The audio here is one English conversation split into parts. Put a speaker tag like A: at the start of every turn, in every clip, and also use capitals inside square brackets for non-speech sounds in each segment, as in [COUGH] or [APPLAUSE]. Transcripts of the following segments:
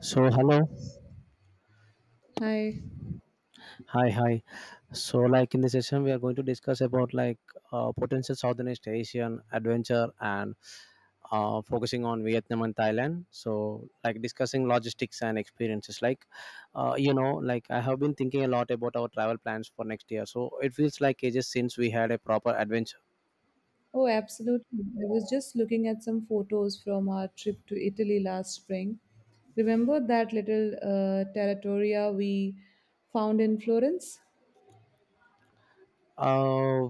A: So hello,
B: Hi.
A: hi, hi. So like in this session, we are going to discuss about like potential Southeast Asian adventure and focusing on Vietnam and Thailand. So like discussing logistics and experiences. Like like I have been thinking a lot about our travel plans for next year. So it feels like ages since we had a proper adventure.
B: Oh, absolutely. I was just looking at some photos from our trip to Italy last spring. Remember that little territoria we found in Florence?
A: Uh,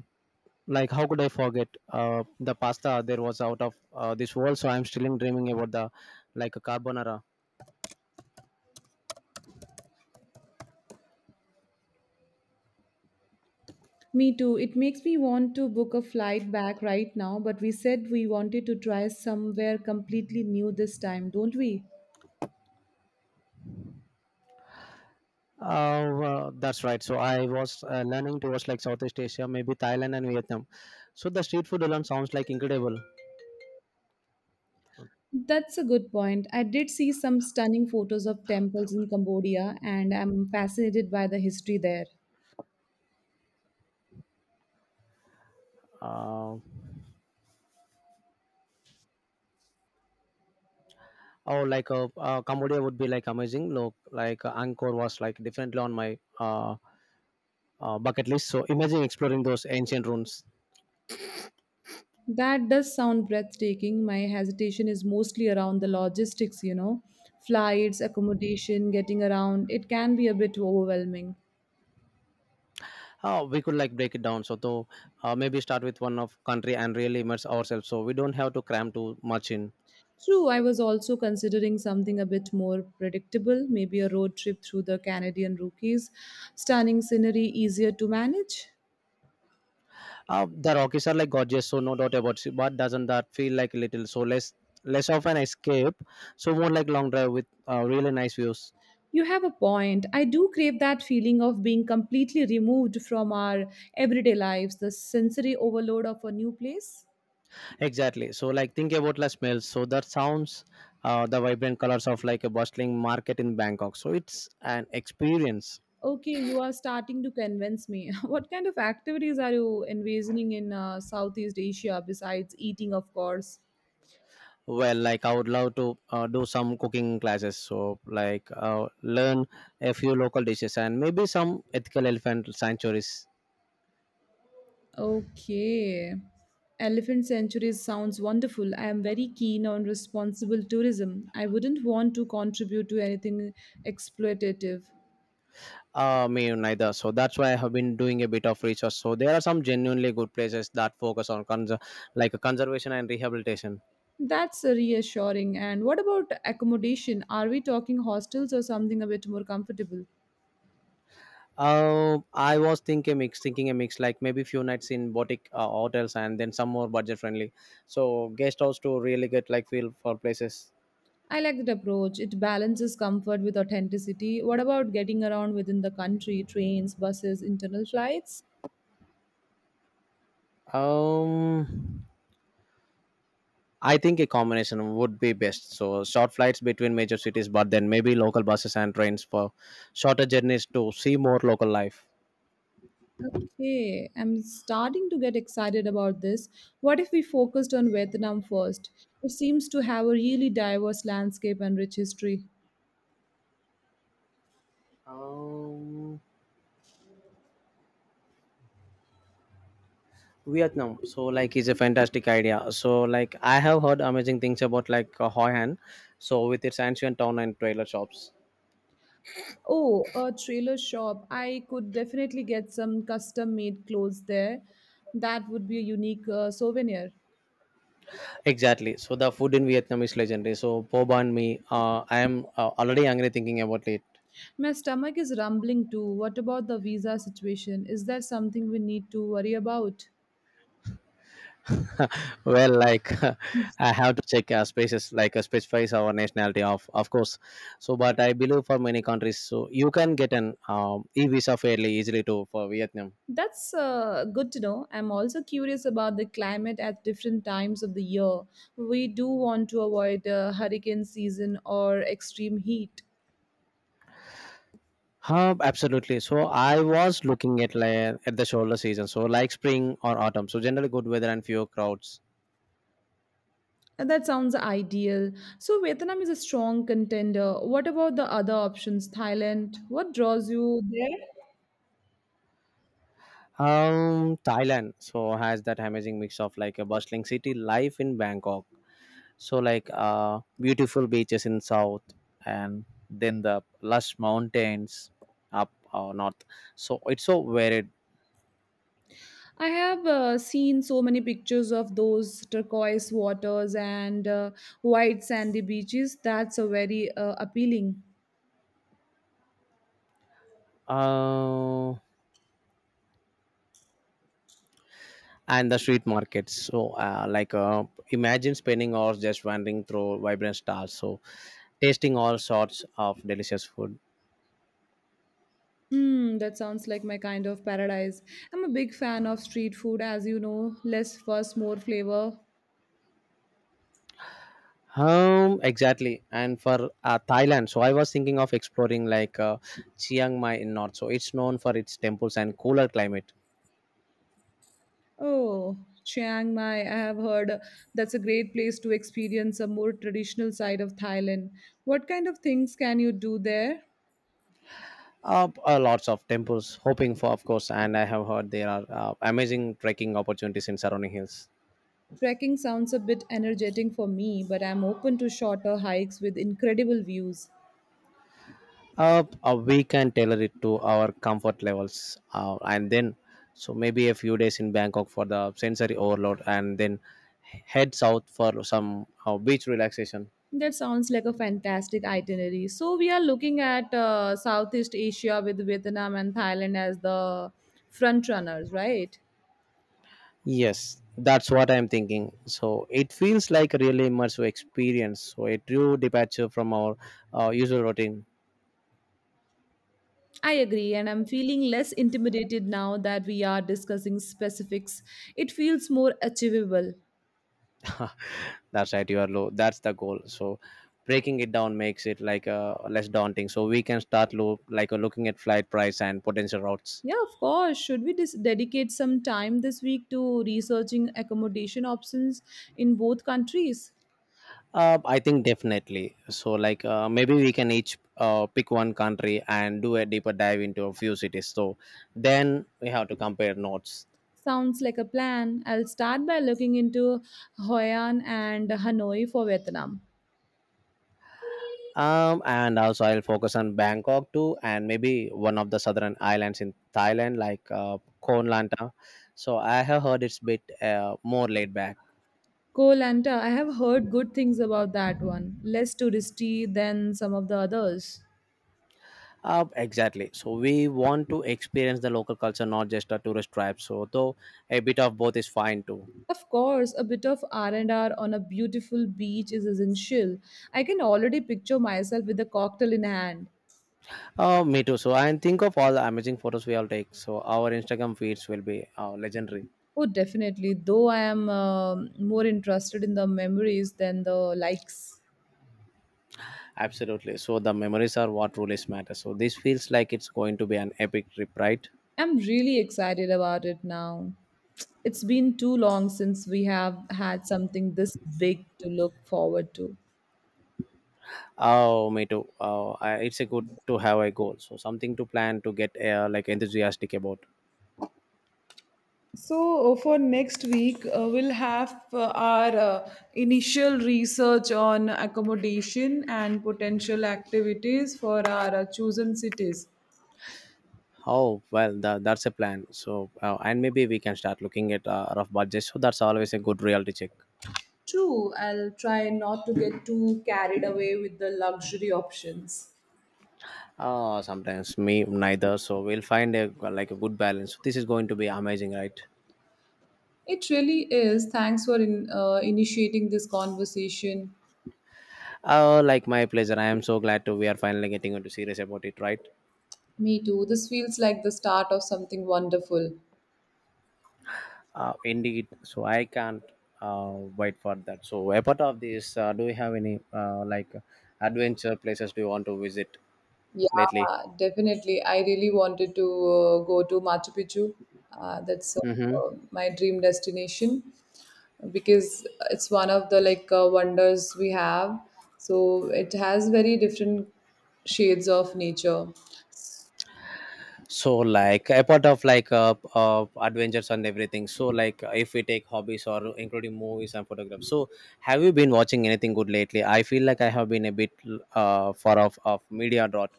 A: like how could I forget the pasta there was out of this world? So I'm still dreaming about the like a carbonara.
B: Me too. It makes me want to book a flight back right now, but we said we wanted to try somewhere completely new this time, don't we?
A: Well, that's right. So I was learning towards like Southeast Asia, maybe Thailand and Vietnam. So the street food alone sounds like incredible.
B: That's a good point. I did see some stunning photos of temples in Cambodia, and I'm fascinated by the history there.
A: Uh, or like a Cambodia would be like amazing. Look, like Angkor was like definitely on my bucket list. So imagine exploring those ancient ruins.
B: That does sound breathtaking. My hesitation is mostly around the logistics, you know, flights, accommodation, getting around. It can be a bit overwhelming.
A: We could like break it down. So though, maybe start with one of country and really immerse ourselves. So we don't have to cram too much in.
B: True, I was also considering something a bit more predictable, maybe a road trip through the Canadian Rockies. Stunning scenery, easier to manage.
A: The Rockies are like gorgeous, so no doubt about it. But doesn't that feel like a little so less of an escape? So more like long drive with really nice views.
B: You have a point. I do crave that feeling of being completely removed from our everyday lives, the sensory overload of a new place.
A: Exactly. So like think about the smells. So that sounds the vibrant colors of like a bustling market in Bangkok. So it's an experience.
B: Okay, you are starting to convince me. [LAUGHS] What kind of activities are you envisioning in Southeast Asia besides eating, of course?
A: Well, like I would love to do some cooking classes. So like learn a few local dishes and maybe some ethical elephant sanctuaries.
B: Okay. Elephant sanctuaries sounds wonderful. I am very keen on responsible tourism. I wouldn't want to contribute to anything exploitative.
A: Me neither. So that's why I have been doing a bit of research. So there are some genuinely good places that focus on like conservation and rehabilitation.
B: That's reassuring. And what about accommodation? Are we talking hostels or something a bit more comfortable?
A: I was thinking a mix, like maybe few nights in boutique hotels and then some more budget friendly. So guest house to really get like feel for places.
B: I like that approach. It balances comfort with authenticity. What about getting around within the country, trains, buses, internal flights?
A: Um, I think a combination would be best. So short flights between major cities, but then maybe local buses and trains for shorter journeys to see more local life.
B: Okay, I'm starting to get excited about this. What if we focused on Vietnam first? It seems to have a really diverse landscape and rich history.
A: Um, Vietnam. So like it's a fantastic idea. So like I have heard amazing things about like Hoi An. So with its ancient town and trailer shops.
B: Oh, a trailer shop. I could definitely get some custom made clothes there. That would be a unique souvenir.
A: Exactly. So the food in Vietnam is legendary. So po banh mi. I am already hungry thinking about it.
B: My stomach is rumbling too. What about the visa situation? Is that something we need to worry about?
A: [LAUGHS] Well, like [LAUGHS] I have to check spaces like specifies our nationality of course. So but I believe for many countries, so you can get an e visa fairly easily too for Vietnam.
B: That's good to know. I'm also curious about the climate at different times of the year. We do want to avoid hurricane season or extreme heat.
A: Huh, absolutely. So I was looking at at the shoulder season, so like spring or autumn. So generally good weather and fewer crowds.
B: And that sounds ideal. So, Vietnam is a strong contender. What about the other options? Thailand? What draws you there?
A: Thailand so has that amazing mix of like a bustling city life in Bangkok. So like beautiful beaches in south and then the lush mountains up or north. So it's so varied.
B: I have seen so many pictures of those turquoise waters and white sandy beaches. That's a very appealing.
A: Uh, and the street markets. So imagine spending hours just wandering through vibrant stars. So tasting all sorts of delicious food.
B: Mm, that sounds like my kind of paradise. I'm a big fan of street food, as you know, less fuss, more flavor.
A: Exactly. And for Thailand, so I was thinking of exploring like Chiang Mai in North. So it's known for its temples and cooler climate.
B: Oh, Chiang Mai, I have heard that's a great place to experience a more traditional side of Thailand. What kind of things can you do there?
A: Lots of temples, hoping for, of course. And I have heard there are amazing trekking opportunities in surrounding hills.
B: Trekking sounds a bit energetic for me, but I'm open to shorter hikes with incredible views.
A: We can tailor it to our comfort levels, and then so maybe a few days in Bangkok for the sensory overload, and then head south for some beach relaxation.
B: That sounds like a fantastic itinerary. So we are looking at Southeast Asia with Vietnam and Thailand as the front runners, right?
A: Yes, that's what I'm thinking. So it feels like a really immersive experience. So a true departure from our usual routine.
B: I agree, and I'm feeling less intimidated now that we are discussing specifics. It feels more achievable.
A: That's right, you are low. That's the goal. So breaking it down makes it like less daunting. So we can start looking at flight price and potential routes.
B: Yeah, of course. Should we dedicate some time this week to researching accommodation options in both countries?
A: I think definitely. So like maybe we can each pick one country and do a deeper dive into a few cities. So then we have to compare notes.
B: Sounds like a plan. I'll start by looking into Hoi An and Hanoi for Vietnam.
A: And also I'll focus on Bangkok too, and maybe one of the southern islands in Thailand, like Koh Lanta. So I have heard it's bit more laid back.
B: Koh Lanta, I have heard good things about that one. Less touristy than some of the others.
A: Exactly. So we want to experience the local culture, not just a tourist trap. So though a bit of both is fine too.
B: Of course, a bit of R&R on a beautiful beach is essential. I can already picture myself with a cocktail in hand.
A: Me too. So and think of all the amazing photos we all take. So our Instagram feeds will be legendary.
B: Oh, definitely. Though I am more interested in the memories than the likes.
A: Absolutely. So the memories are what truly matters. So this feels like it's going to be an epic trip, right?
B: I'm really excited about it now. It's been too long since we have had something this big to look forward to.
A: Oh, me too. It's a good to have a goal. So something to plan to get like enthusiastic about.
B: So, for next week, we'll have our initial research on accommodation and potential activities for our chosen cities.
A: Oh well, that's a plan. So and maybe we can start looking at rough budget. So that's always a good reality check.
B: True, I'll try not to get too carried away with the luxury options.
A: Oh, sometimes me neither. So we'll find a like a good balance. This is going to be amazing, right?
B: It really is. Thanks for initiating this conversation.
A: Oh, like my pleasure. I am so glad to we are finally getting into serious about it, right?
B: Me too. This feels like the start of something wonderful.
A: Indeed, so I can't uh, wait for that. So apart of this, do you have any adventure places do you want to visit
B: Yeah,
A: lately?
B: definitely. I really wanted to go to Machu Picchu. That's
A: Mm-hmm.
B: my dream destination because it's one of the wonders we have. So it has very different shades of nature.
A: So like apart of like adventures and everything, so like if we take hobbies or including movies and photographs, so have you been watching anything good lately? I feel like I have been a bit far off of media dot.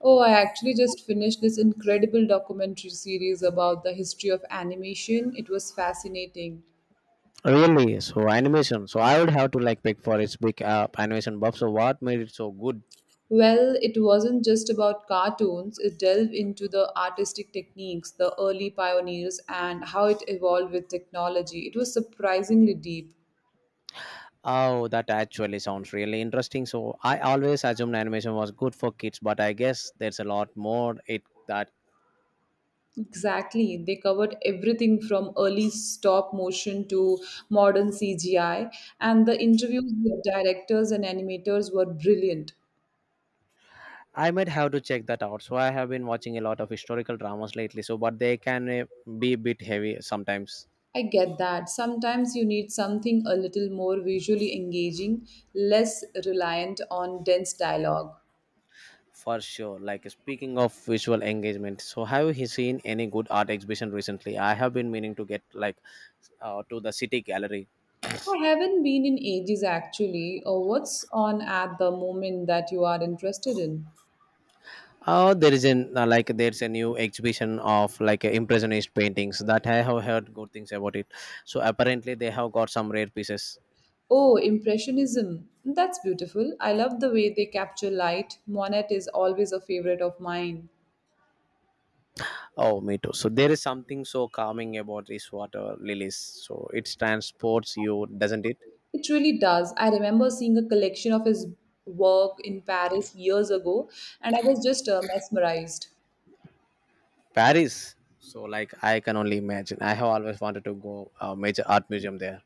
B: Oh, I actually just finished this incredible documentary series about the history of animation. It was fascinating.
A: Really? So animation, so I would have to like pick for its big animation buff. So what made it so good?
B: Well, it wasn't just about cartoons. It delved into the artistic techniques, the early pioneers, and how it evolved with technology. It was surprisingly deep.
A: Oh, that actually sounds really interesting. So I always assumed animation was good for kids, but I guess there's a lot more it that.
B: Exactly. They covered everything from early stop motion to modern CGI, and the interviews with directors and animators were brilliant.
A: I might have to check that out. So I have been watching a lot of historical dramas lately. So but they can be a bit heavy sometimes,
B: I get that. Sometimes you need something a little more visually engaging, less reliant on dense dialogue.
A: for sure. Like speaking of visual engagement, so have you seen any good art exhibition recently? I have been meaning to get like to the city gallery.
B: I haven't been in ages actually. Or what's on at the moment that you are interested in?
A: Oh, there is an like there's a new exhibition of like impressionist paintings that I have heard good things about it. So apparently they have got some rare pieces.
B: Oh, Impressionism. That's beautiful. I love the way they capture light. Monet is always a favorite of mine.
A: Oh, me too. So there is something so calming about these water lilies. So it transports you, doesn't it?
B: It really does. I remember seeing a collection of his work in Paris years ago and I was just mesmerized.
A: Paris. So like I can only imagine. I have always wanted to go a major art museum there.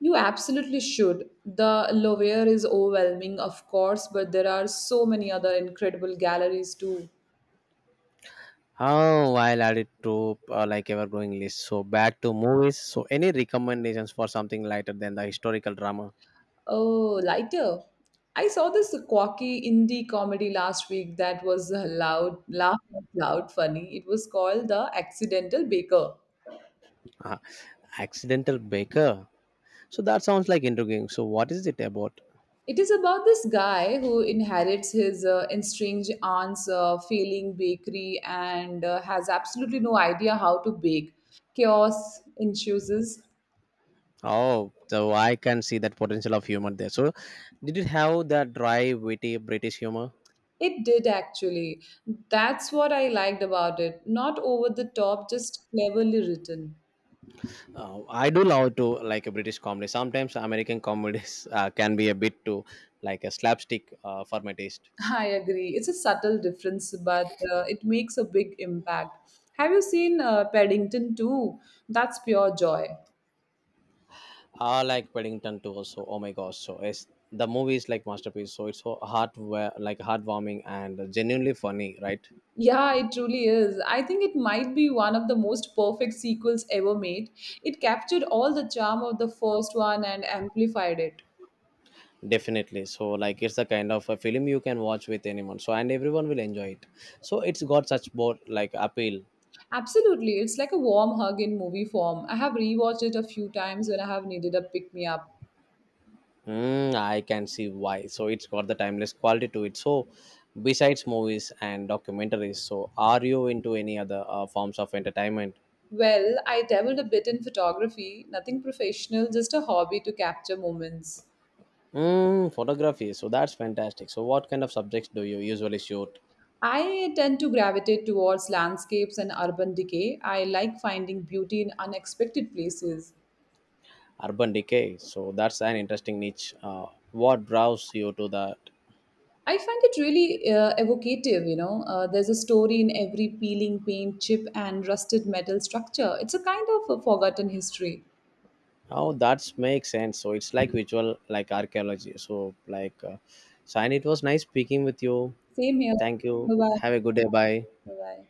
B: You absolutely should. The Louvre is overwhelming, of course, but there are so many other incredible galleries too.
A: Oh, I'll add it to like ever growing list. So back to movies. So any recommendations for something lighter than the historical drama?
B: Oh, lighter. I saw this quirky indie comedy last week that was a loud, laugh out loud funny. It was called The Accidental Baker.
A: Uh, Accidental Baker. So that sounds like intriguing. So what is it about?
B: It is about this guy who inherits his estranged aunt's failing bakery and has absolutely no idea how to bake. Chaos ensues.
A: Oh, so I can see that potential of humor there. So did it have that dry, witty British humor?
B: It did actually. That's what I liked about it. Not over the top, just cleverly written.
A: I do love to like a British comedy. Sometimes American comedies [LAUGHS] can be a bit too like a slapstick for my taste.
B: I agree. It's a subtle difference, but it makes a big impact. Have you seen Paddington 2? That's pure joy.
A: I like Paddington too. Also, oh my gosh! So it's the movie is like masterpiece. So it's so heartwarming and genuinely funny, right?
B: Yeah, it truly is. I think it might be one of the most perfect sequels ever made. It captured all the charm of the first one and amplified it.
A: Definitely, so like it's the kind of a film you can watch with anyone, so and everyone will enjoy it, so it's got such both like appeal.
B: Absolutely. It's like a warm hug in movie form. I have rewatched it a few times when I have needed a pick me up.
A: Mm, I can see why, so it's got the timeless quality to it. So besides movies and documentaries, so are you into any other forms of entertainment?
B: Well, I dabbled a bit in photography, nothing professional, just a hobby to capture moments.
A: Mm, photography, so that's fantastic. So what kind of subjects do you usually shoot?
B: I tend to gravitate towards landscapes and urban decay. I like finding beauty in unexpected places.
A: Urban decay, so that's an interesting niche. What draws you to that?
B: I find it really evocative, you know. There's a story in every peeling paint chip and rusted metal structure. It's a kind of a forgotten history.
A: Oh, that makes sense. So it's like visual, like archaeology. So like, Shine, it was nice speaking with you.
B: Same here.
A: Thank you.
B: Bye bye.
A: Have a good day. Bye.
B: Bye bye.